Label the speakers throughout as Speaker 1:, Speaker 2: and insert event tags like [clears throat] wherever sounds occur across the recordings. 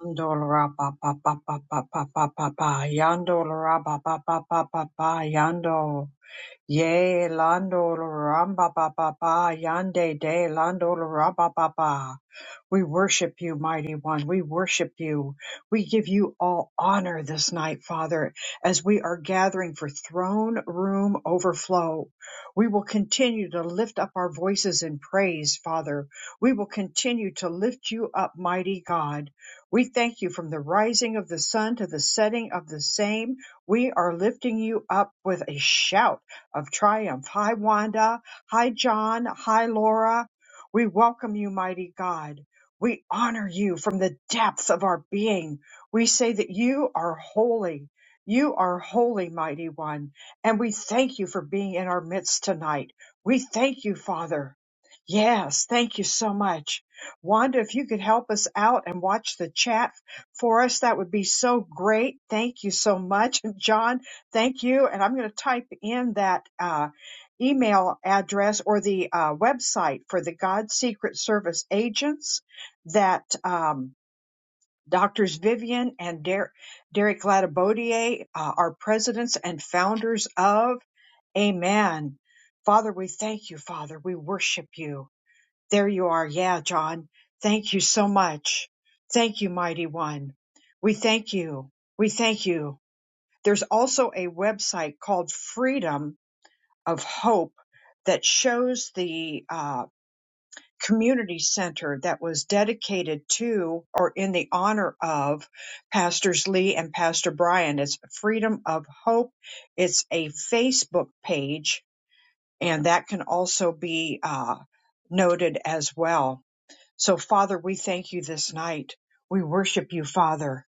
Speaker 1: Yandola ba ba ba ba ba ba ba ba ba. Yandola ba ba ba ba ba ba. Yando. Yea, Lando Ramba Baba Ba Yande De Lando Ramba Baba. We worship you, mighty one. We worship you. We give you all honor this night, Father, as we are gathering for throne room overflow. We will continue to lift up our voices in praise, Father. We will continue to lift you up, mighty God. We thank you from the rising of the sun to the setting of the same. We are lifting you up with a shout of triumph. Hi, Wanda. Hi, John. Hi, Laura. We welcome you, mighty God. We honor you from the depths of our being. We say that you are holy. You are holy, mighty one. And we thank you for being in our midst tonight. We thank you, Father. Yes, thank you so much. Wanda, if you could help us out and watch the chat for us, that would be so great. Thank you so much. [laughs] John, Thank you. And I'm going to type in that uh, email address or the uh, website for the God Secret Service agents that um, Doctors Vivian and Der- Derek Latabodier uh, are presidents and founders of. Amen. Father, we thank you, Father. We worship you. There you are. Yeah, John. Thank you so much. Thank you, Mighty One. We thank you. We thank you there's also a website called Freedom of Hope that shows the uh, community center that was dedicated to or in the honor of Pastors Lee and Pastor Brian. It's Freedom of Hope. It's a Facebook page, and that can also be uh, noted as well. So, Father, we thank you this night. We worship you, Father.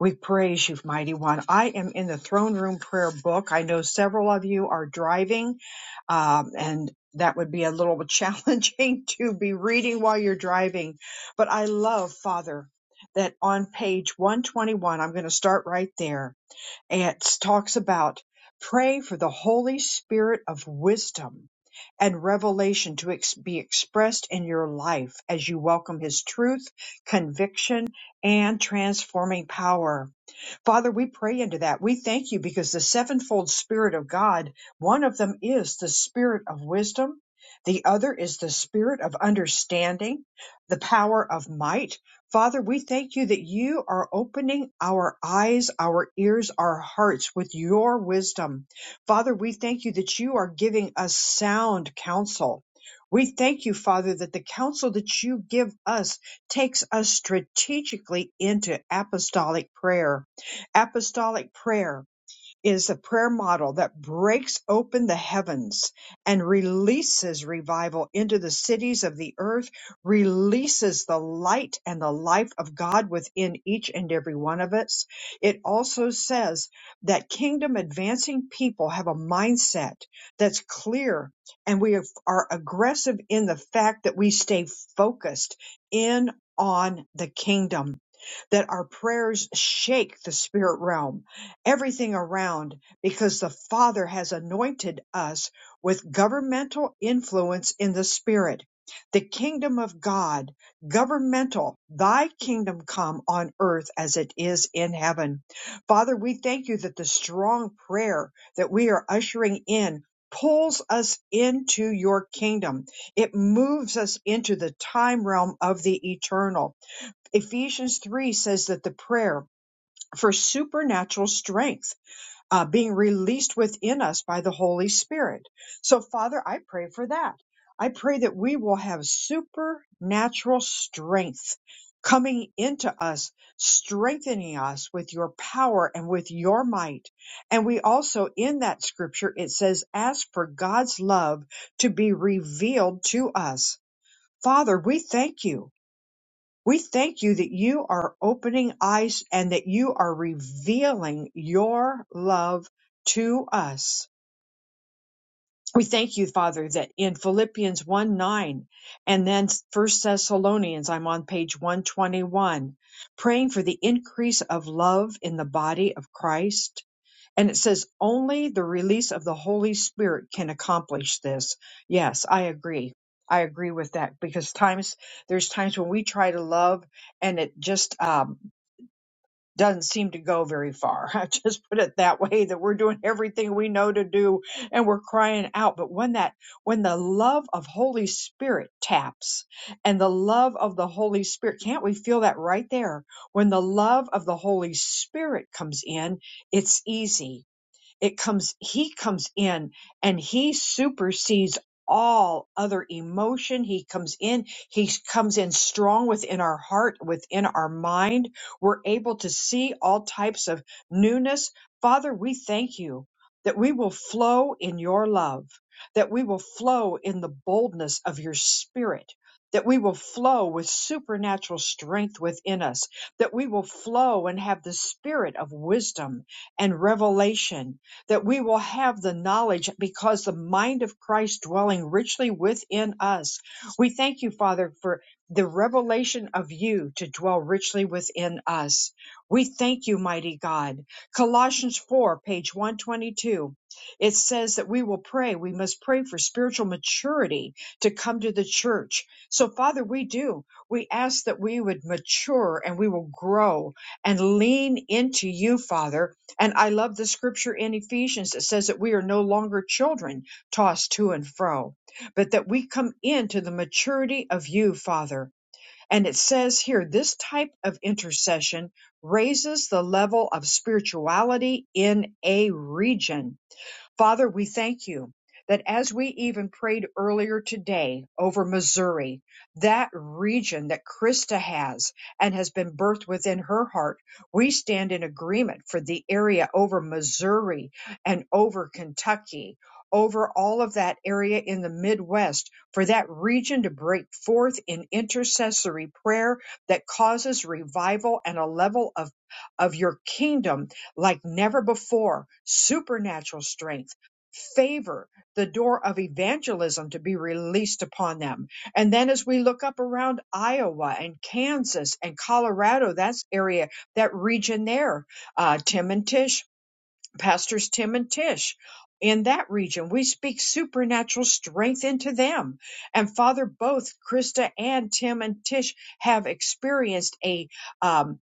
Speaker 1: We praise you, Mighty One. I am in the throne room prayer book. I know several of you are driving, um, and that would be a little bit challenging [laughs] to be reading while you're driving. But I love, Father, that on page 121, I'm going to start right there it talks about pray for the Holy Spirit of wisdom and revelation to ex- be expressed in your life as you welcome His truth, conviction, and transforming power. Father, we pray into that. We thank you because the sevenfold Spirit of God, one of them is the Spirit of wisdom, the other is the Spirit of understanding, the power of might. Father, we thank you that you are opening our eyes, our ears, our hearts with your wisdom. Father, we thank you that you are giving us sound counsel. We thank you, Father, that the counsel that you give us takes us strategically into apostolic prayer Apostolic prayer is a prayer model that breaks open the heavens and releases revival into the cities of the earth, releases the light and the life of God within each and every one of us. It also says that kingdom advancing people have a mindset that's clear and we are aggressive in the fact that we stay focused in on the kingdom that our prayers shake the spirit realm, everything around, because the Father has anointed us with governmental influence in the spirit. The kingdom of God, governmental, thy kingdom come on earth as it is in heaven. Father, we thank you that the strong prayer that we are ushering in pulls us into your kingdom. It moves us into the time realm of the eternal Ephesians 3 says that the prayer for supernatural strength uh, being released within us by the Holy Spirit. So, Father, I pray for that. I pray that we will have supernatural strength coming into us, strengthening us with your power and with your might. And we also, in that scripture, it says, ask for God's love to be revealed to us. Father, we thank you we thank you that you are opening eyes and that you are revealing your love to us. We thank you, Father, that in Philippians 1 9 and then First Thessalonians, I'm on page 121, praying for the increase of love in the body of Christ and it says only the release of the Holy Spirit can accomplish this. Yes, I agree. I agree with that because times there's times when we try to love and it just um, doesn't seem to go very far. [laughs] I just put it that way that we're doing everything we know to do and we're crying out. But when that when the love of Holy Spirit taps and the love of the Holy Spirit, can't we feel that right there? When the love of the Holy Spirit comes in, it's easy it comes, he comes in and he supersedes all other emotion. He comes in, he comes in strong within our heart, within our mind. We're able to see all types of newness. Father, we thank you that we will flow in your love, that we will flow in the boldness of your spirit. That we will flow with supernatural strength within us, that we will flow and have the spirit of wisdom and revelation that we will have the knowledge because the mind of Christ dwelling richly within us. We thank you, Father, for the revelation of you to dwell richly within us. We thank you, mighty God. Colossians 4, page 122. It says that we will pray. We must pray for spiritual maturity to come to the church. So, Father, we do. We ask that we would mature and we will grow and lean into you, Father, and I love the scripture in Ephesians that says that we are no longer children tossed to and fro, but that we come into the maturity of you, Father. And it says here, this type of intercession raises the level of spirituality in a region Father, we thank you that as we even prayed earlier today over Missouri, that region that Krista has and has been birthed within her heart, we stand in agreement for the area over Missouri and over Kentucky. Over all of that area in the Midwest, for that region to break forth in intercessory prayer that causes revival and a level of, of your kingdom like never before, supernatural strength, favor, the door of evangelism to be released upon them. And then as we look up around Iowa and Kansas and Colorado, that's area, that region there, uh, Tim and Tish, pastors Tim and Tish. In that region, we speak supernatural strength into them. And Father, both Krista and Tim and Tish have experienced a um,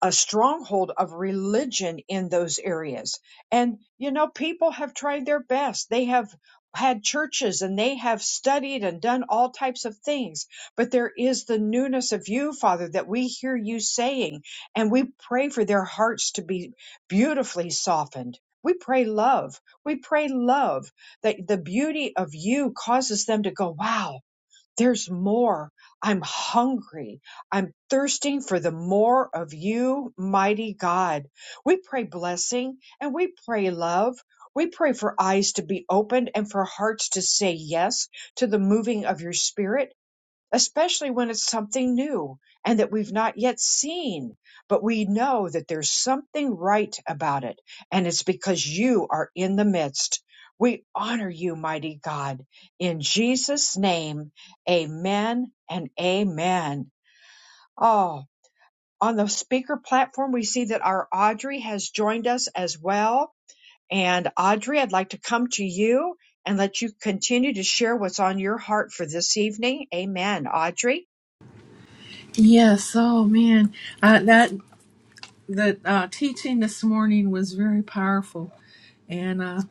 Speaker 1: a stronghold of religion in those areas. And, you know, people have tried their best. They have had churches and they have studied and done all types of things. But there is the newness of you, Father, that we hear you saying. And we pray for their hearts to be beautifully softened. We pray love. We pray love that the beauty of you causes them to go, wow, there's more. I'm hungry. I'm thirsting for the more of you, mighty God. We pray blessing and we pray love. We pray for eyes to be opened and for hearts to say yes to the moving of your spirit especially when it's something new and that we've not yet seen, but we know that there's something right about it. And it's because you are in the midst. We honor you, mighty God. In Jesus' name, amen and amen. Oh, on the speaker platform, we see that our Audrey has joined us as well. And Audrey, I'd like to come to you and let you continue to share what's on your heart for this evening. Amen. Audrey?
Speaker 2: Yes. Oh man, uh, that that uh, teaching this morning was very powerful, and uh,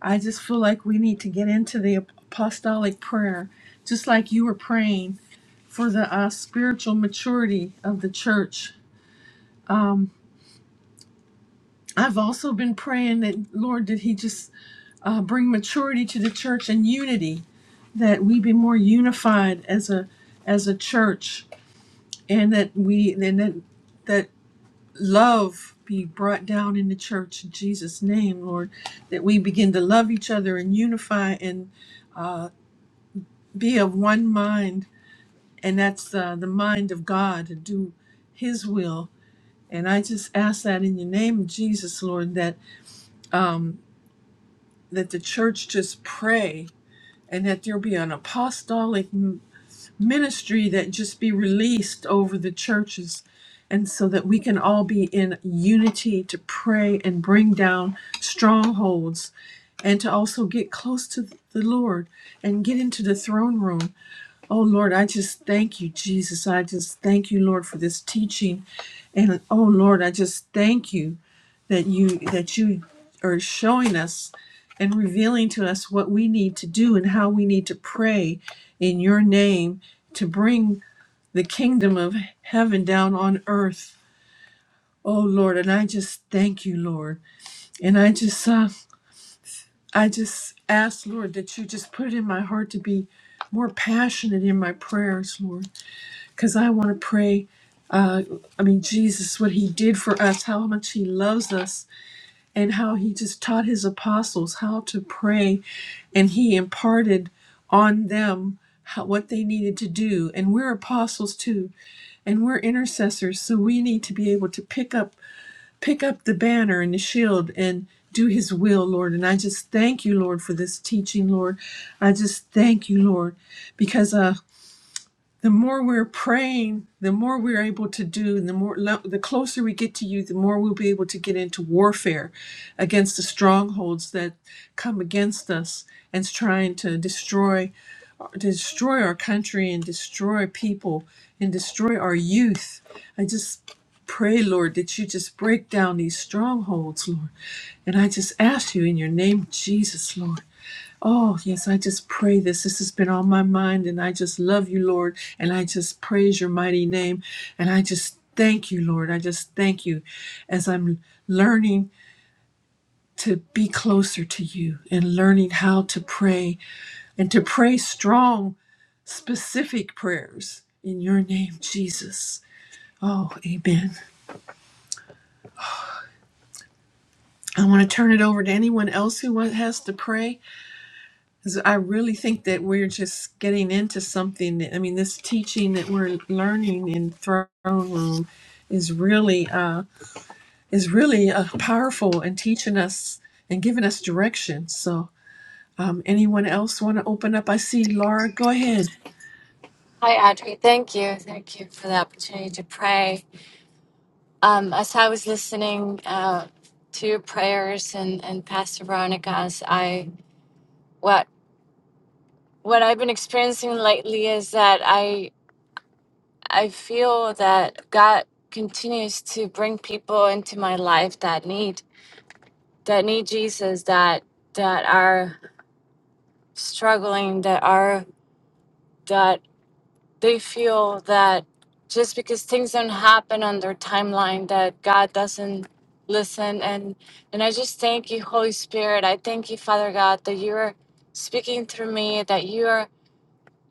Speaker 2: I just feel like we need to get into the apostolic prayer, just like you were praying for the uh, spiritual maturity of the church. Um, I've also been praying that Lord, did He just uh, bring maturity to the church and unity, that we be more unified as a as a church, and that we and that. love be brought down in the church in Jesus' name, Lord, that we begin to love each other and unify and uh, be of one mind. And that's uh, the mind of God to do His will. And I just ask that in the name of Jesus, Lord, that, that the church just pray and that there be an apostolic ministry that just be released over the churches and so that we can all be in unity to pray and bring down strongholds and to also get close to the Lord and get into the throne room Oh Lord, I just thank you, Jesus. I just thank you, Lord, for this teaching. And oh Lord, I just thank you that you that you are showing us and revealing to us what we need to do and how we need to pray in your name to bring the kingdom of heaven down on earth. Oh Lord, and I just thank you, Lord. And I just uh, I just ask, Lord, that you just put it in my heart to be more passionate in my prayers, Lord because I want to pray. Uh, I mean, Jesus, what he did for us, how much he loves us, and how he just taught his apostles how to pray, and he imparted on them how, what they needed to do. And we're apostles too, and we're intercessors, so we need to be able to pick up pick up the banner and the shield and do his will, Lord. And I just thank you, Lord, for this teaching, Lord. I just thank you, Lord, because uh, the more we're praying, the more we're able to do, and the more the closer we get to you, the more we'll be able to get into warfare against the strongholds that come against us and trying to destroy destroy our country and destroy people and destroy our youth. I just pray, Lord, that you just break down these strongholds, Lord. And I just ask you in your name, Jesus, Lord. Oh, yes, I just pray this. This has been on my mind, and I just love you, Lord, and I just praise your mighty name, and I just thank you, Lord. I just thank you as I'm learning to be closer to you and learning how to pray and to pray strong, specific prayers in your name, Jesus. Oh, amen. I want to turn it over to anyone else who wa- has to pray. 'Cause I really think that we're just getting into something. that- I mean, this teaching that we're learning in throne room is really uh, is really uh, powerful and teaching us and giving us direction. So, um, anyone else want to open up? I see Laura. Go ahead.
Speaker 3: Hi, Audrey. Thank you. Thank you for the opportunity to pray. Um, as I was listening uh, to your prayers and, and Pastor Veronica's, I what what I've been experiencing lately is that I I feel that God continues to bring people into my life that need that need Jesus that that are struggling that are that they feel that just because things don't happen on their timeline that god doesn't listen and and i just thank you holy spirit i thank you father god that you're speaking through me that you're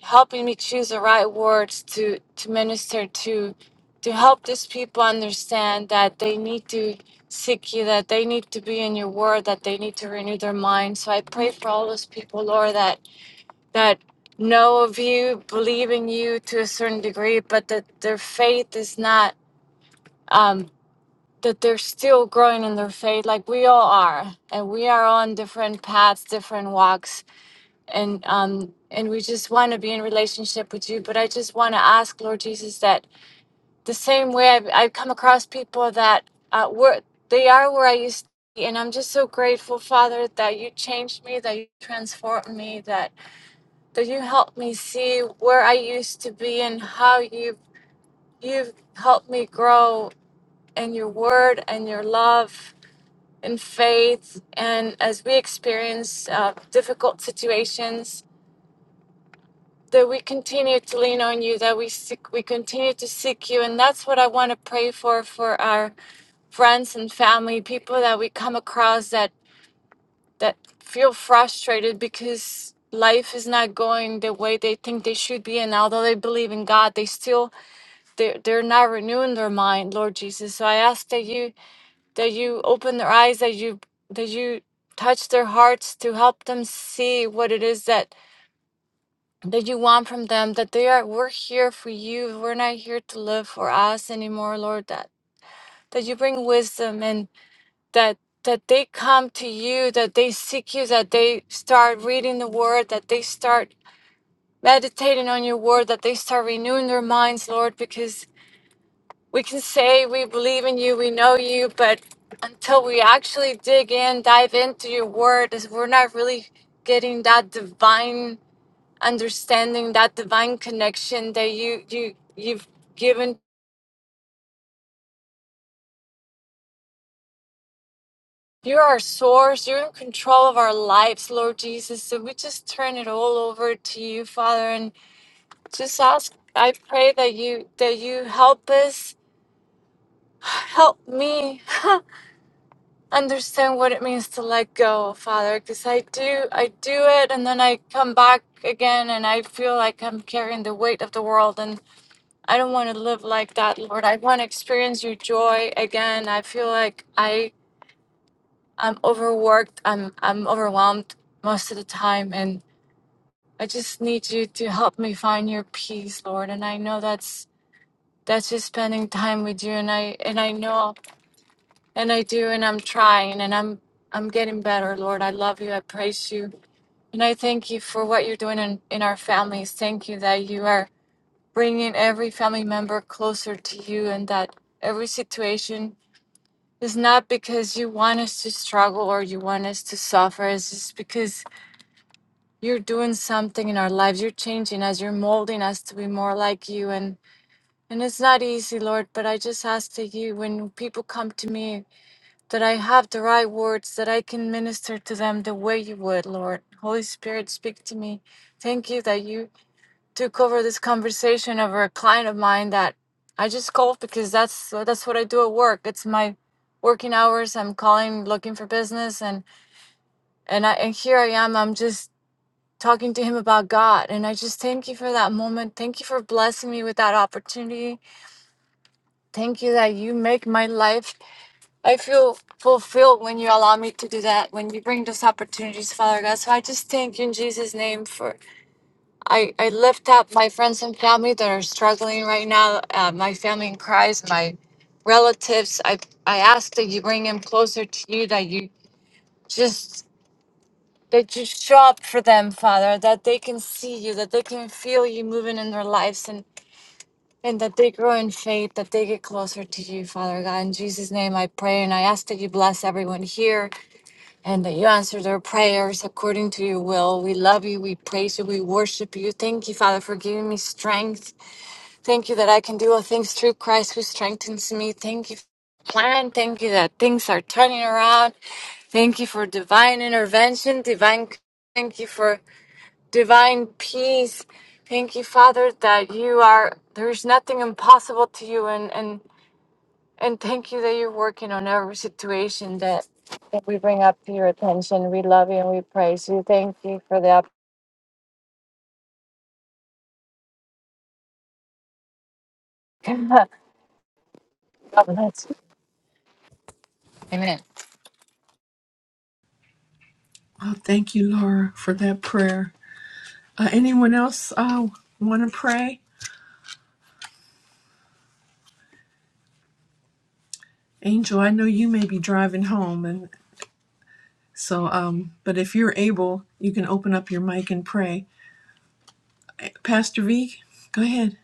Speaker 3: helping me choose the right words to to minister to to help these people understand that they need to seek you that they need to be in your word that they need to renew their mind so i pray for all those people lord that that know of you, believe in you to a certain degree, but that their faith is not um that they're still growing in their faith like we all are and we are on different paths different walks and um and we just want to be in relationship with you but i just want to ask lord jesus that the same way i've, I've come across people that uh were they are where i used to be and i'm just so grateful father that you changed me that you transformed me that that you helped me see where I used to be and how you've you've helped me grow in your word and your love and faith. And as we experience uh, difficult situations, that we continue to lean on you, that we seek, we continue to seek you, and that's what I want to pray for for our friends and family, people that we come across that that feel frustrated because life is not going the way they think they should be and although they believe in god they still they're, they're not renewing their mind, Lord Jesus. So I ask that you that you open their eyes, that you that you touch their hearts to help them see what it is that that you want from them, that they are we're here for you. We're not here to live for us anymore, Lord, that that you bring wisdom and that that they come to you, that they seek you, that they start reading the word, that they start meditating on your word, that they start renewing their minds, Lord, because we can say we believe in you, we know you, but until we actually dig in, dive into your word, is we're not really getting that divine understanding, that divine connection that you you you've given. You're our source. You're in control of our lives, Lord Jesus. So we just turn it all over to you, Father, and just ask. I pray that you that you help us, [sighs] help me [laughs] understand what it means to let go, Father, because I do I do it and then I come back again and I feel like I'm carrying the weight of the world and I don't want to live like that, Lord. I want to experience your joy again. I feel like I I'm overworked. I'm I'm overwhelmed most of the time and I just need you to help me find your peace, Lord. And I know that's that's just spending time with you and I and I know And I do, and I'm trying, and I'm I'm getting better, Lord. I love you. I praise you, and I thank you for what you're doing in in our families. Thank you that you are bringing every family member closer to you, and that every situation is not because you want us to struggle or you want us to suffer. It's just because you're doing something in our lives. You're changing us. You're molding us to be more like you, and and it's not easy, Lord. But I just ask that you, when people come to me that I have the right words, that I can minister to them the way you would, Lord. Holy Spirit, speak to me. Thank you that you took over this conversation over a client of mine that I just called because that's that's what I do at work. It's my working hours. I'm calling, looking for business, and and I and here I am. I'm just talking to him about God, and I just thank you for that moment. Thank you for blessing me with that opportunity. Thank you that you make my life I feel fulfilled when you allow me to do that, when you bring those opportunities, Father God. So I just thank you in Jesus' name for I, I lift up my friends and family that are struggling right now, uh, my family in Christ, my relatives. I I ask that you bring them closer to you, that you just that you show up for them, Father, that they can see you, that they can feel you moving in their lives and and that they grow in faith, that they get closer to you, Father God. In Jesus' name I pray and I ask that you bless everyone here and that you answer their prayers according to your will. We love you. We praise you. We worship you. Thank you, Father, for giving me strength. Thank you that I can do all things through Christ who strengthens me. Thank you for the plan. Thank you that things are turning around. Thank you for divine intervention, divine. Thank you for divine peace. Thank you, Father, that you are, there's nothing impossible to you. and and. And thank you that you're working on every situation that, that we bring up to your attention. We love you and we praise you. Thank you for the opportunity. [laughs] God bless you. Amen.
Speaker 2: Oh, thank you, Laura, for that prayer. Uh, anyone else uh, want to pray? Angel, I know you may be driving home, and so, um, but if you're able, you can open up your mic and pray. Pastor V, go ahead.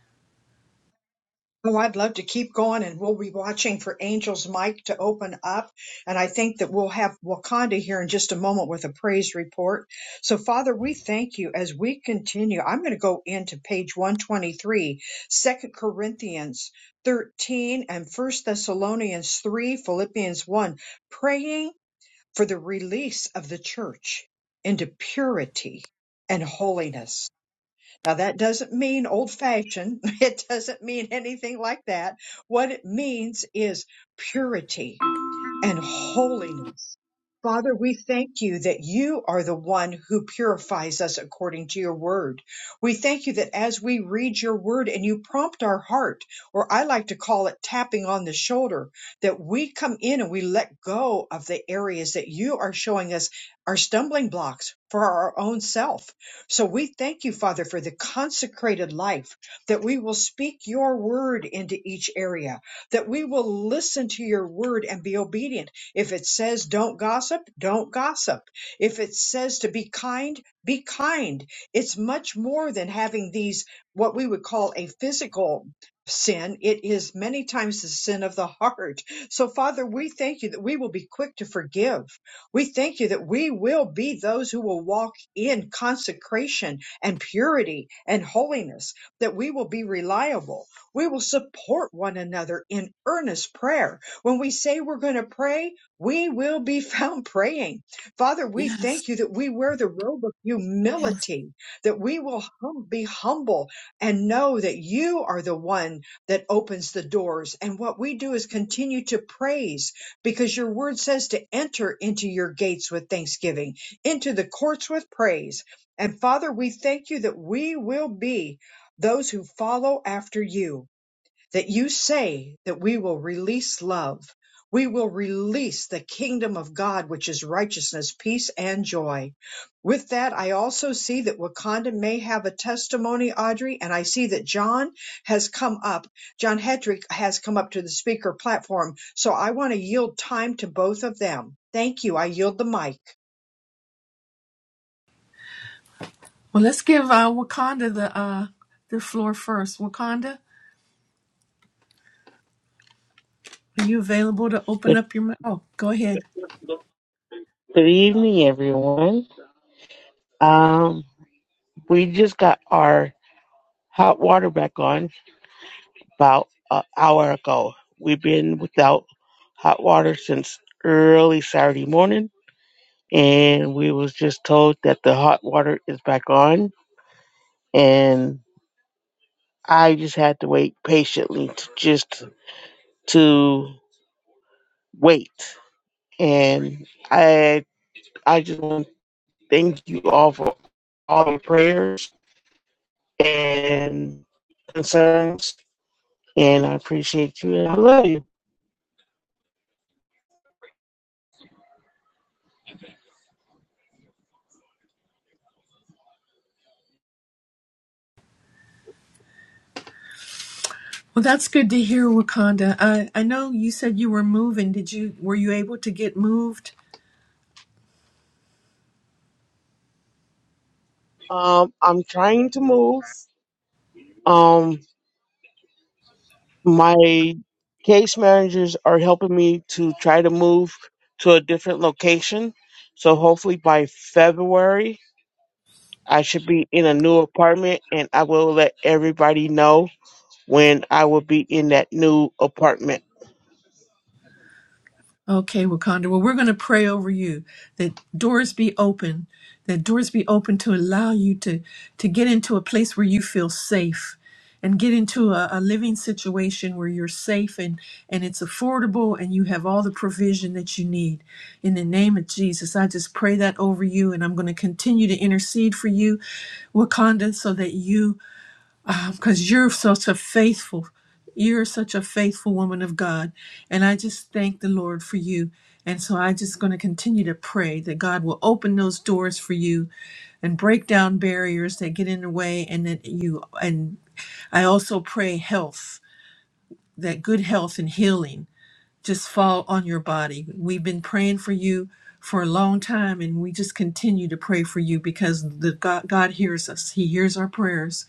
Speaker 1: Oh, I'd love to keep going and we'll be watching for Angel's mic to open up. And I think that we'll have Wakanda here in just a moment with a praise report. So Father, we thank you as we continue. I'm going to go into page 123, Second Corinthians 13 and First Thessalonians 3, Philippians 1, praying for the release of the church into purity and holiness. Now, that doesn't mean old fashioned. [laughs] It doesn't mean anything like that. What it means is purity and holiness Father, we thank you that you are the one who purifies us according to your word. We thank you that as we read your word and you prompt our heart, or I like to call it tapping on the shoulder, that we come in and we let go of the areas that you are showing us are stumbling blocks for our own self. So we thank you, Father, for the consecrated life that we will speak your word into each area, that we will listen to your word and be obedient if it says don't gossip, don't gossip. If it says to be kind, be kind. It's much more than having these, what we would call a physical sin. It is many times the sin of the heart. So, Father, we thank you that we will be quick to forgive. We thank you that we will be those who will walk in consecration and purity and holiness, that we will be reliable. We will support one another in earnest prayer. When we say we're going to pray, we will be [laughs] found praying. Father, we
Speaker 2: Yes.
Speaker 1: thank you that we wear the robe of
Speaker 2: Yes.
Speaker 1: humility, that we will hum- be humble and know that you are the one that opens the doors. And what we do is continue to praise because your word says to enter into your gates with thanksgiving, into the courts with praise. And Father, we thank you that we will be those who follow after you that you say that we will release love. We will release the kingdom of God, which is righteousness, peace, and joy. With that, I also see that Wakanda may have a testimony, Audrey, and I see that John has come up. John Hedrick has come up to the speaker platform. So I want to yield time to both of them. Thank you. I yield the mic.
Speaker 2: Well, let's give uh, Wakanda the uh, the floor first. Wakanda, are you available to open
Speaker 4: Good,
Speaker 2: up your mouth? Oh, go ahead.
Speaker 4: good evening, everyone. Um, we just got our hot water back on about an hour ago. We've been without hot water since early Saturday morning, and we was just told that the hot water is back on, and I just had to wait patiently to just to wait, and I I just want to thank you all for all the prayers and concerns. And I appreciate you and I love you.
Speaker 2: Well, that's good to hear, Wakanda. I I know you said you were moving. Did you were you able to get moved?
Speaker 4: Um, I'm trying to move. Um, my case managers are helping me to try to move to a different location. So hopefully by February, I should be in a new apartment and I will let everybody know when I will be in that new apartment.
Speaker 2: Okay, Wakanda. Well, we're going to pray over you that doors be open, that doors be open to allow you to to get into a place where you feel safe and get into a, a living situation where you're safe and and it's affordable and you have all the provision that you need. In the name of Jesus, I just pray that over you and I'm going to continue to intercede for you, Wakanda, so that you because you're such a faithful you're such a faithful woman of god and i just thank the lord for you and so i just going to continue to pray that god will open those doors for you and break down barriers that get in the way and that you and i also pray health that good health and healing just fall on your body we've been praying for you for a long time and we just continue to pray for you because the god, god hears us he hears our prayers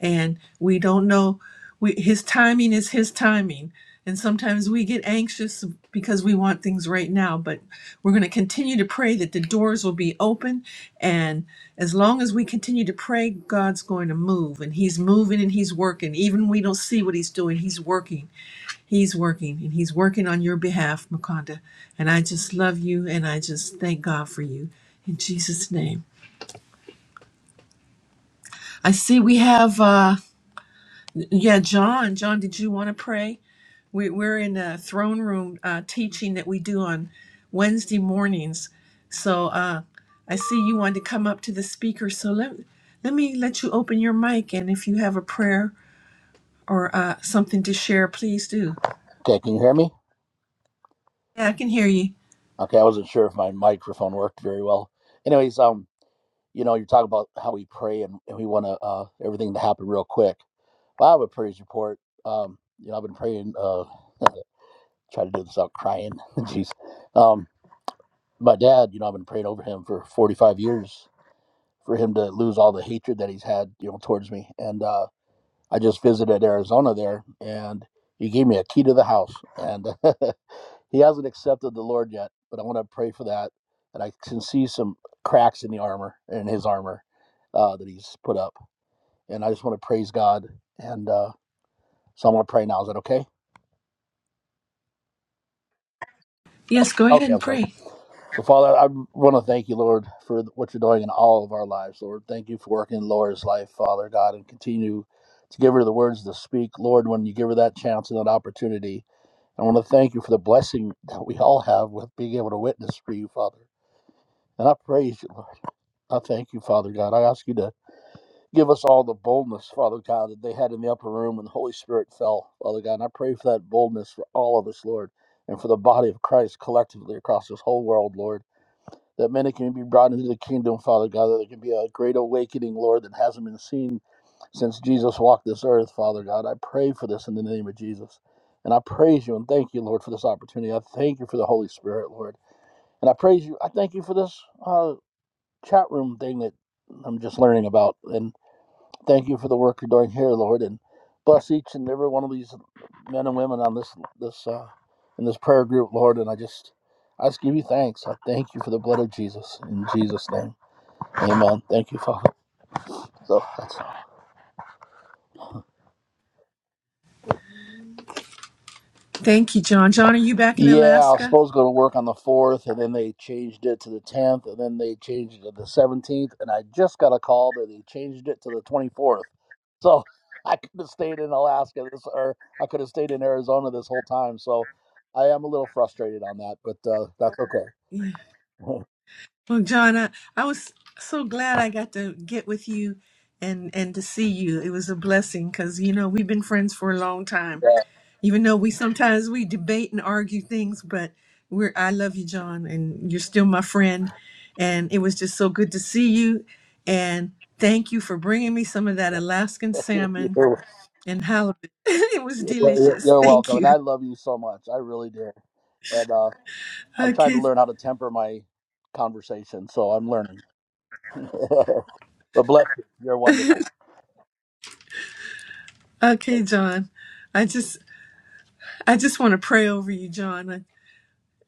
Speaker 2: and we don't know we, his timing is his timing and sometimes we get anxious because we want things right now but we're going to continue to pray that the doors will be open and as long as we continue to pray god's going to move and he's moving and he's working even we don't see what he's doing he's working he's working and he's working on your behalf makonda and i just love you and i just thank god for you in jesus name i see we have uh yeah john john did you want to pray We, we're in a throne room uh, teaching that we do on Wednesday mornings. So uh, I see you wanted to come up to the speaker. So let, let me let you open your mic. And if you have a prayer or uh, something to share, please do.
Speaker 5: Okay, can you hear me?
Speaker 2: Yeah, I can hear you.
Speaker 5: Okay, I wasn't sure if my microphone worked very well. Anyways, um, you know, you talk about how we pray and, and we want to uh, everything to happen real quick. Well, I have a praise report. Um, you know, I've been praying. Uh, try to do this without crying. [laughs] Jeez. Um, my dad, you know, I've been praying over him for 45 years for him to lose all the hatred that he's had, you know, towards me. And uh, I just visited Arizona there, and he gave me a key to the house, and [laughs] He hasn't accepted the Lord yet, but I want to pray for that. And I can see some cracks in the armor, in his armor uh, that he's put up. And I just want to praise God. And uh, so I'm going to pray now. Is that okay?
Speaker 2: Yes, go ahead
Speaker 5: Okay,
Speaker 2: and
Speaker 5: I'm sorry.
Speaker 2: pray.
Speaker 5: So, Father, I want to thank you, Lord, for what you're doing in all of our lives, Lord. Thank you for working in Laura's life, Father God, and continue to give her the words to speak, Lord, when you give her that chance and that opportunity. I want to thank you for the blessing that we all have with being able to witness for you, Father. And I praise you, Lord. I thank you, Father God. I ask you to give us all the boldness, Father God, that they had in the upper room when the Holy Spirit fell, Father God. And I pray for that boldness for all of us, Lord, and for the body of Christ collectively across this whole world, Lord. That many can be brought into the kingdom, Father God, that there can be a great awakening, Lord, that hasn't been seen since Jesus walked this earth, Father God. I pray for this in the name of Jesus. And I praise you and thank you, Lord, for this opportunity. I thank you for the Holy Spirit, Lord. And I praise you. I thank you for this. uh, chat room thing that I'm just learning about. And thank you for the work you're doing here, Lord, and bless each and every one of these men and women on this this uh, in this prayer group, Lord. And I just I just give you thanks. I thank you for the blood of Jesus in Jesus' name. Amen. Thank you, Father. So that's
Speaker 2: Thank you, John. John, are you back in
Speaker 5: Yeah, I was
Speaker 2: Alaska?
Speaker 5: supposed to go to work on the 4th, and then they changed it to the 10th, and then they changed it to the 17th, and I just got a call that they changed it to the 24th. [laughs] So I could have stayed in Alaska this, or I could have stayed in Arizona this whole time. So I am a little frustrated on that, but uh, that's okay.
Speaker 2: Yeah. Well, John, I, I was so glad I got to get with you and and to see you. It was a blessing because you know we've been friends for a long time. Even though we sometimes we debate and argue things, but we're I love you, John, and you're still my friend. And it was just so good to see you. And thank you for bringing me some of that Alaskan
Speaker 5: [laughs] yeah, [laughs]
Speaker 2: salmon
Speaker 5: you're,
Speaker 2: and halibut. [laughs] it was
Speaker 5: you're,
Speaker 2: delicious.
Speaker 5: you're
Speaker 2: Thank
Speaker 5: welcome, and
Speaker 2: you.
Speaker 5: I love you so much. I really do. And uh, I'm trying to
Speaker 2: Okay,
Speaker 5: learn how to temper my conversation, so I'm learning. [laughs] but bless you. You're wonderful.
Speaker 2: okay, John. I just I just want to pray over you, John.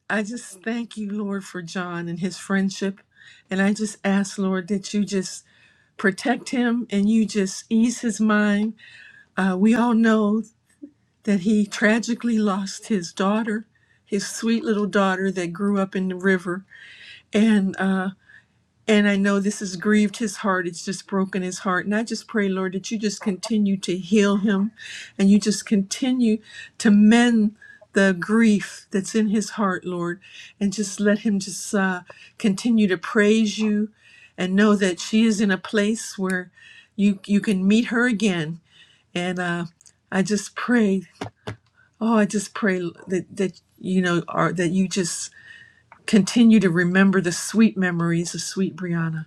Speaker 2: I just thank you, Lord, for John and his friendship. And I just ask, Lord, that you just protect him and you just ease his mind. Uh, we all know that he tragically lost his daughter, his sweet little daughter that grew up in the river. And uh, and I know this has grieved his heart. It's just broken his heart. And I just pray, Lord, that you just continue to heal him and you just continue to mend the grief that's in his heart, Lord, and just let him just uh, continue to praise you and know that she is in a place where you, you can meet her again. And uh, I just pray, oh, I just pray that, that you know, are, that you just continue to remember the sweet memories of sweet Brianna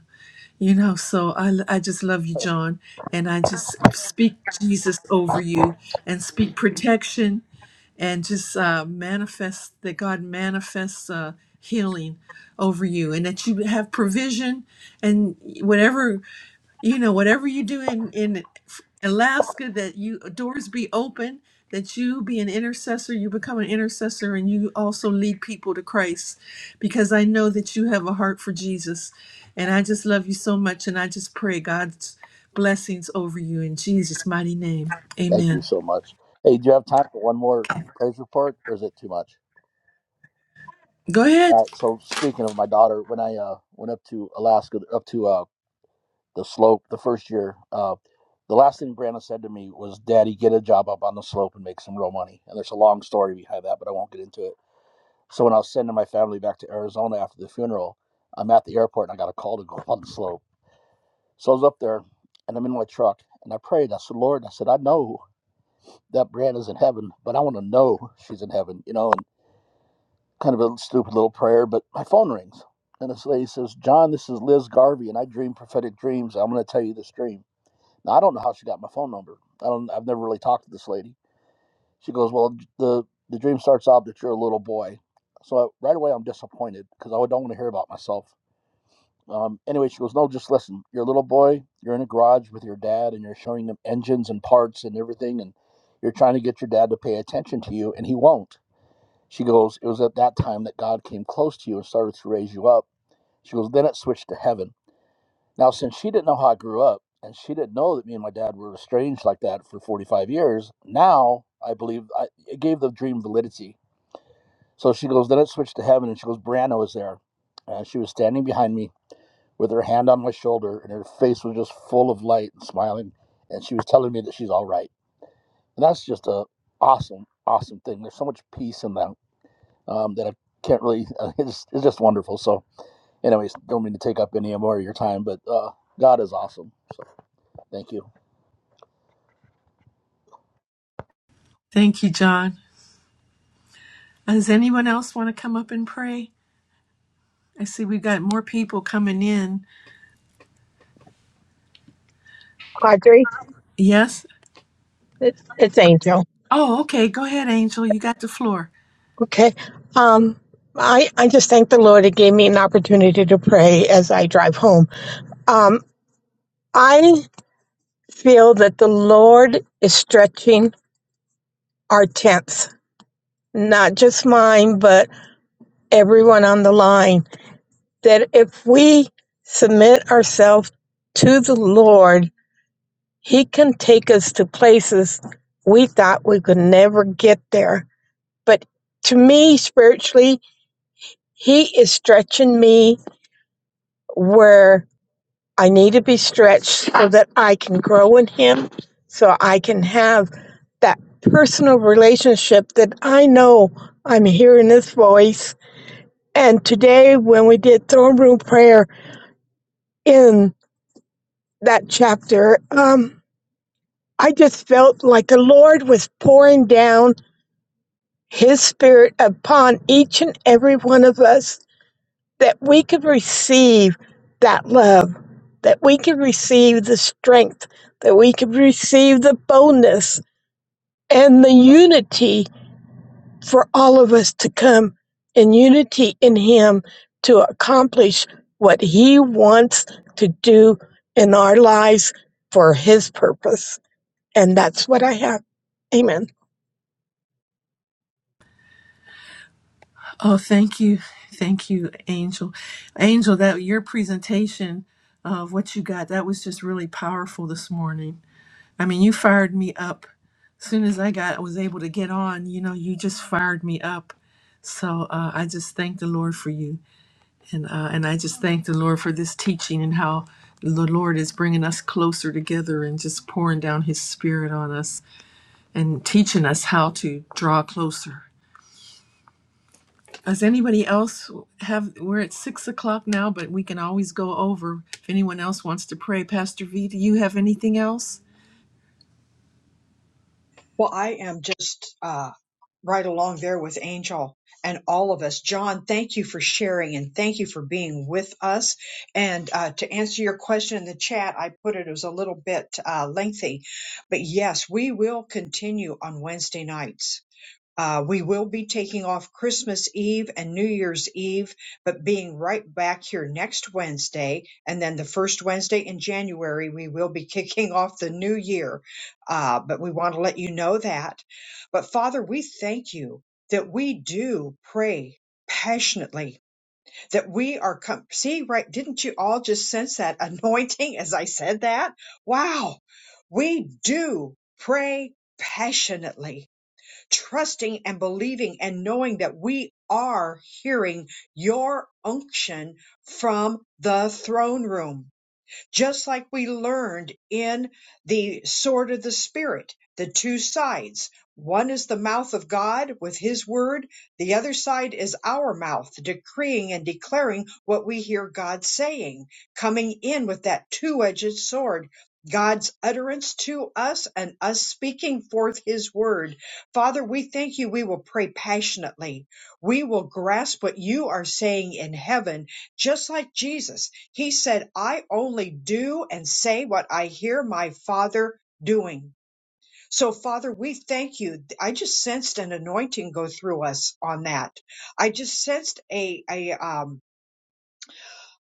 Speaker 2: you know, so I, I just love you, John. And I just speak Jesus over you and speak protection and just uh, manifest that God manifests uh, healing over you and that you have provision and whatever you know whatever you do in in Alaska that you doors be open that you be an intercessor you become an intercessor and you also lead people to Christ because I know that you have a heart for Jesus and I just love you so much and I just pray God's blessings over you in Jesus mighty name
Speaker 5: Thank you
Speaker 2: amen
Speaker 5: so much. Hey, do you have time for one more praise report, or is it too much?
Speaker 2: go
Speaker 5: All
Speaker 2: ahead
Speaker 5: right. So speaking of my daughter, when I uh, went up to Alaska, up to uh, the slope, the first year, uh, the last thing Brandon said to me was, "Daddy, get a job up on the slope and make some real money." And there's a long story behind that, but I won't get into it. So when I was sending my family back to Arizona after the funeral, I'm at the airport and I got a call to go up on the slope. So I was up there, and I'm in my truck, and I prayed. I said, "Lord," I said, "I know that Brand in heaven, but I want to know she's in heaven, you know. And kind of a stupid little prayer, but my phone rings. And this lady says, John, this is Liz Garvey, and I dream prophetic dreams. I'm going to tell you this dream. Now, I don't know how she got my phone number. I don't, I've never really talked to this lady. She goes, Well, the, the dream starts out that you're a little boy. So I, right away, I'm disappointed because I don't want to hear about myself. Um, anyway, she goes, No, just listen. You're a little boy. You're in a garage with your dad, and you're showing him engines and parts and everything. And you're trying to get your dad to pay attention to you, and he won't she goes, It was at that time that God came close to you and started to raise you up. She goes, Then it switched to heaven. Now, since she didn't know how I grew up, and she didn't know that me and my dad were estranged like that for 45 years, now I believe I, it gave the dream validity. So she goes, Then it switched to heaven. And she goes, Brianna was there. And she was standing behind me with her hand on my shoulder, and her face was just full of light and smiling. And she was telling me that she's all right. And that's just a awesome, awesome thing. There's so much peace in that um, that I can't really. [laughs] Uh, it's, it's just wonderful. So, anyways, don't mean to take up any more of your time, but uh, God is awesome. So, thank you.
Speaker 2: thank you John Does anyone else want to come up and pray? I see we've got more people coming in.
Speaker 6: Audrey.
Speaker 2: Yes?
Speaker 6: it's it's Angel.
Speaker 2: Oh, okay. Go ahead, Angel. You got the floor.
Speaker 6: Okay. Um, I, I just thank the Lord. It gave me an opportunity to pray as I drive home. Um, I feel that the Lord is stretching our tents, not just mine, but everyone on the line. That if we submit ourselves to the Lord, He can take us to places we thought we could never get there. But to me, spiritually, He is stretching me where I need to be stretched so that I can grow in Him, so I can have that personal relationship that I know I'm hearing His voice. And today, when we did throne room prayer in that chapter, um, I just felt like the Lord was pouring down His Spirit upon each and every one of us that we can receive that love, that we can receive the strength, that we can receive the boldness and the unity for all of us to come in unity in Him to accomplish what He wants to do in our lives for His purpose. And that's what I have. Amen.
Speaker 2: Oh, thank you. Thank you, Angel. Angel, that your presentation of what you got, that was just really powerful this morning. I mean, you fired me up. As soon as I got I was able to get on, you know, you just fired me up. So uh, I just thank the Lord for you. And, uh, and I just thank the Lord for this teaching and how the Lord is bringing us closer together and just pouring down His Spirit on us and teaching us how to draw closer. Does anybody else have? We're at six o'clock now, but we can always go over if anyone else wants to pray. Pastor V, do you have anything else?
Speaker 1: Well, I am just uh, right along there with Angel and all of us. John, thank you for sharing and thank you for being with us. And uh, to answer your question in the chat, I put it it was a little bit uh, lengthy, but yes, we will continue on Wednesday nights. Uh, we will be taking off Christmas Eve and New Year's Eve, but being right back here next Wednesday. And then the first Wednesday in January, we will be [laughs] kicking off the new year. Uh, but we want to let you know that. But Father, we thank you that we do pray passionately, that we are, com- see, right? Didn't you all just sense that [laughs] anointing as I said that? Wow. We do pray passionately trusting and believing and knowing that we are hearing your unction from the throne room. Just like we learned in the sword of the Spirit, the two sides. One is the mouth of God with His word, the other side is our mouth decreeing and declaring what we hear God saying, coming in with that two edged sword. God's utterance to us and us speaking forth his word. Father, we thank you. We will pray passionately. We will grasp what you are saying in heaven, just like Jesus. He said, I only do and say what I hear my Father doing. So, Father, we thank you. I just sensed an anointing go through us on that. I just sensed a, a, um,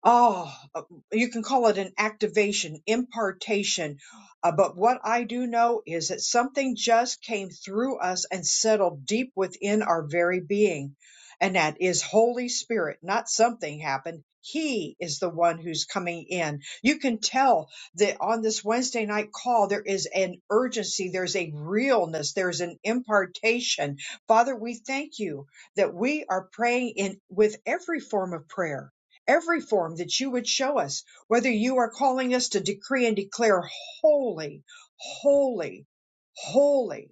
Speaker 1: oh, uh, you can call it an activation, impartation. Uh, but what I do know is that something just came through us and settled deep within our very being. And that is Holy Spirit, not something happened. He is the one who's coming in. You can tell that on this Wednesday night call, there is an urgency. There's a realness. There's an impartation. Father, we thank you that we are praying in with every form of prayer every form that you would show us, whether you are calling us to decree and declare holy, holy, holy,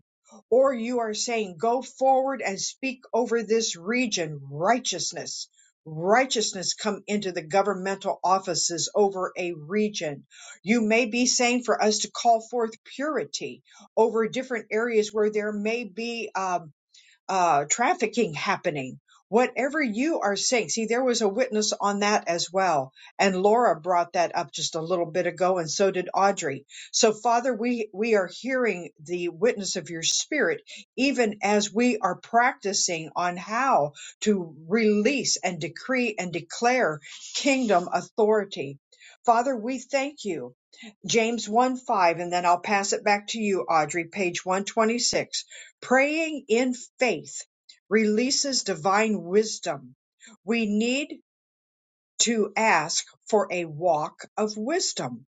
Speaker 1: or you are saying go forward and speak over this region righteousness. Righteousness come into the governmental offices over a region. You may be saying for us to call forth purity over different areas where there may be um, uh, trafficking happening. Whatever you are saying, see, there was a witness on that as well. And Laura brought that up just a little bit ago, and so did Audrey. So, Father, we, we are hearing the witness of your spirit, even as we are practicing on how to release and decree and declare kingdom authority. Father, we thank you. James 1 5, and then I'll pass it back to you, Audrey, page 126. Praying in faith releases divine wisdom. We need to ask for a walk of wisdom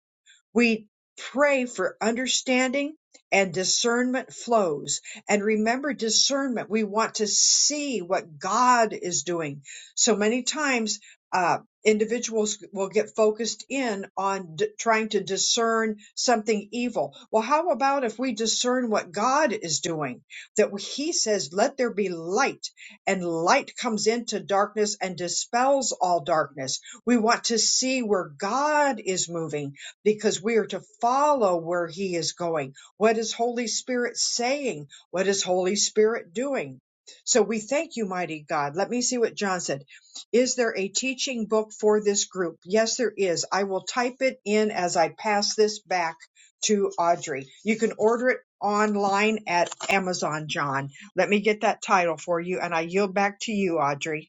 Speaker 1: we pray for understanding and discernment flows. And remember, discernment, we want to see what God is doing. So many times, uh, individuals will get focused in on d- trying to discern something evil. Well, how about if we discern what God is doing? That He says, let there be light, and light comes into darkness and dispels all darkness. We want to see where God is moving because we are to follow where he is going. What is Holy Spirit saying? What is Holy Spirit doing? So we thank you, mighty God. Let me see what John said. Is there a teaching book for this group? Yes, there is. I will type it in as I pass this back to Audrey. You can order it online at Amazon, John. Let me get that title for you and I yield back to you, Audrey.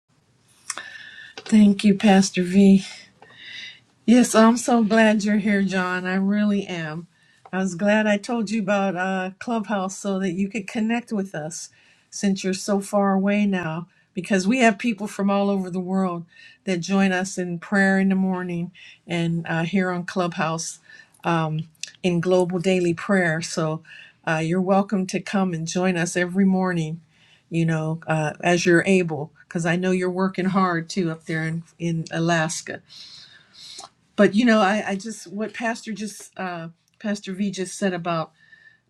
Speaker 2: Thank you, Pastor V. Yes, I'm so glad you're here, John. I really am. I was glad I told you about uh, Clubhouse so that you could connect with us since you're so far away now, because we have people from all over the world that join us in prayer in the morning and uh, here on Clubhouse in Global Daily Prayer. So uh, you're welcome to come and join us every morning, you know, uh, as you're able, because I know you're working hard too up there in, in Alaska but you know i, I just what pastor just uh, pastor v just said about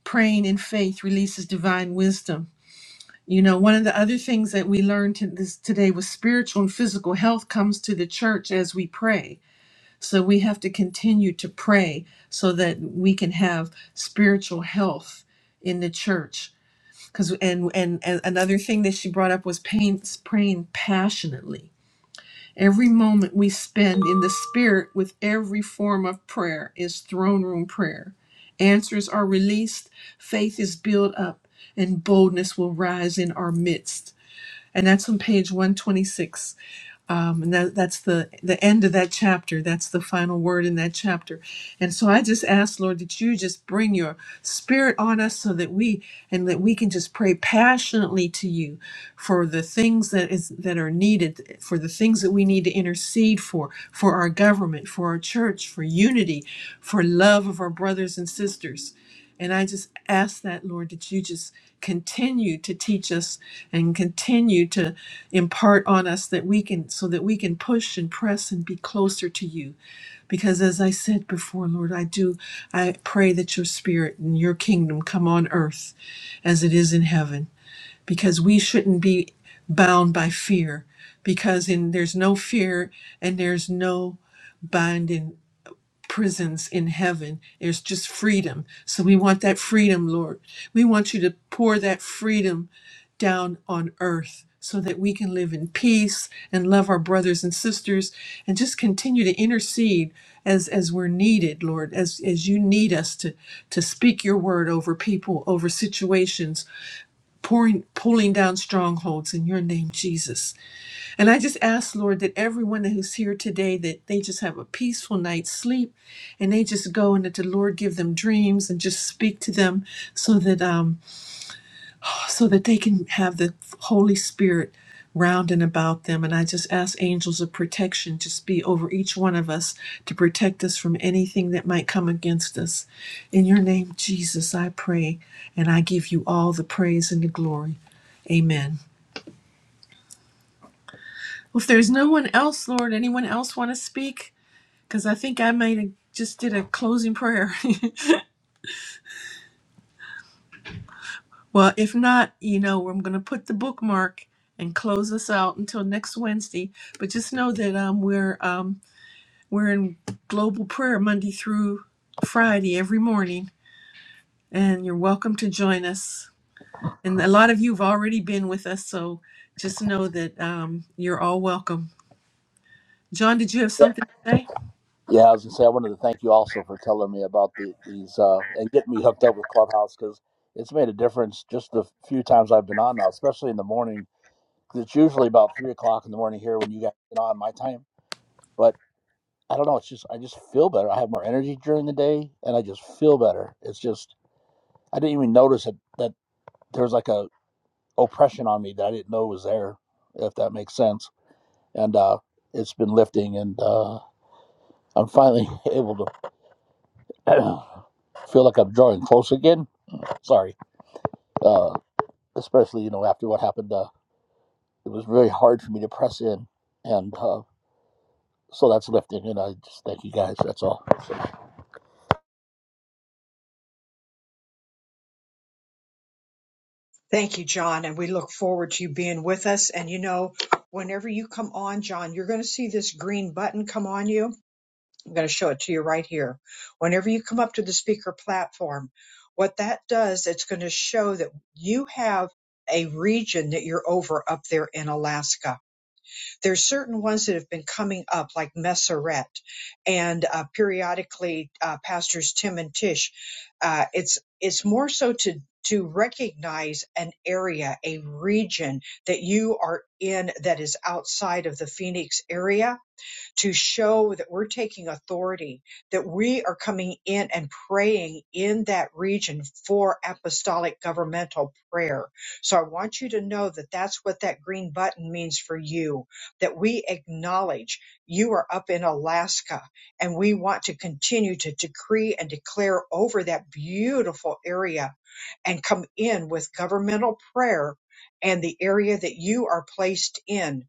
Speaker 2: praying in faith releases divine wisdom you know one of the other things that we learned to this, today was spiritual and physical health comes to the church as we pray so we have to continue to pray so that we can have spiritual health in the church because and, and and another thing that she brought up was pain, praying passionately Every moment we spend in the Spirit with every form of prayer is throne room prayer. Answers are released, faith is built up, and boldness will rise in our midst. And that's on page 126 um, and that, that's the the end of that chapter that's the final word in that chapter and so i just ask lord that you just bring your spirit on us so that we and that we can just pray passionately to you for the things that is that are needed for the things that we need to intercede for for our government for our church for unity for love of our brothers and sisters and I just ask that, Lord, that you just continue to teach us and continue to impart on us that we can, so that we can push and press and be closer to you. Because as I said before, Lord, I do, I pray that your spirit and your kingdom come on earth as it is in heaven. Because we shouldn't be bound by fear. Because in there's no fear and there's no binding prisons in heaven. There's just freedom. So we want that freedom, Lord. We want you to pour that freedom down on earth so that we can live in peace and love our brothers and sisters and just continue to intercede as as we're needed lord as as you need us to to speak your word over people over situations pouring pulling down strongholds in your name jesus and I just ask, Lord, that everyone who's here today, that they just have a peaceful night's sleep and they just go and that the Lord give them dreams and just speak to them so that um so that they can have the Holy Spirit round and about them. And I just ask angels of protection just be over each one of us to protect us from anything that might come against us. In your name, Jesus, I pray, and I give you all the praise and the glory. Amen. Well, if there's no one else, Lord, anyone else want to speak? because I think I might have just did a closing prayer. [laughs] well, if not, you know, I'm going to put the bookmark and close us out until next Wednesday. But just know that um, we're um, we're in global prayer Monday through Friday every morning, and you're welcome to join us. And a lot of you have already been with us, so just know that um, you're all welcome. John, did you have
Speaker 5: Yeah,
Speaker 2: something to say?
Speaker 5: yeah. I was gonna say I wanted to thank you also for telling me about the, these uh, and getting me hooked up with Clubhouse because it's made a difference just the few times I've been on now, especially in the morning. 'cause it's usually about three o'clock in the morning here when you guys get on my time, but I don't know. It's just I just feel better. I have more energy during the day, and I just feel better. It's just I didn't even notice it that there's like a oppression on me that I didn't know was there, if that makes sense. And uh, it's been lifting, and uh, I'm finally [laughs] able to [clears throat] feel like I'm drawing close again. Sorry, uh, especially you know after what happened, uh, it was very hard for me to press in, and uh, so that's lifting. And I just thank you guys. That's all.
Speaker 1: Thank you, John. And we look forward to you being with us. And you know, whenever you come on, John, you're going to see this green button come on you. I'm going to show it to you right here. Whenever you come up to the speaker platform, what that does, it's going to show that you have a region that you're over up there in Alaska there's certain ones that have been coming up, like Messeret, and uh, periodically uh, pastors Tim and Tish. Uh, it's it's more so to to recognize an area, a region that you are in that is outside of the Phoenix area to show that we're taking authority, that we are coming in and praying in that region for apostolic governmental prayer. So I want you to know that that's what that green button means for you, that we acknowledge you are up in Alaska and we want to continue to decree and declare over that beautiful area and come in with governmental prayer and the area that you are placed in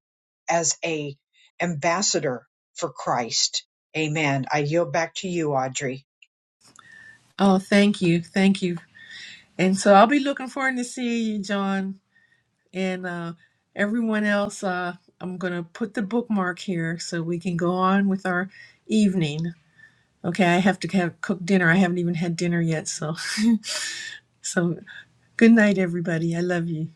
Speaker 1: as a ambassador for Christ. Amen. I yield back to you, Audrey.
Speaker 2: Oh, thank you, thank you. And so I'll be looking forward to seeing you, John. And uh, everyone else, uh, I'm going to put the bookmark here so we can go on with our evening. Okay, I have to have cook dinner. I haven't even had dinner yet, so [laughs] so good night, everybody. I love you.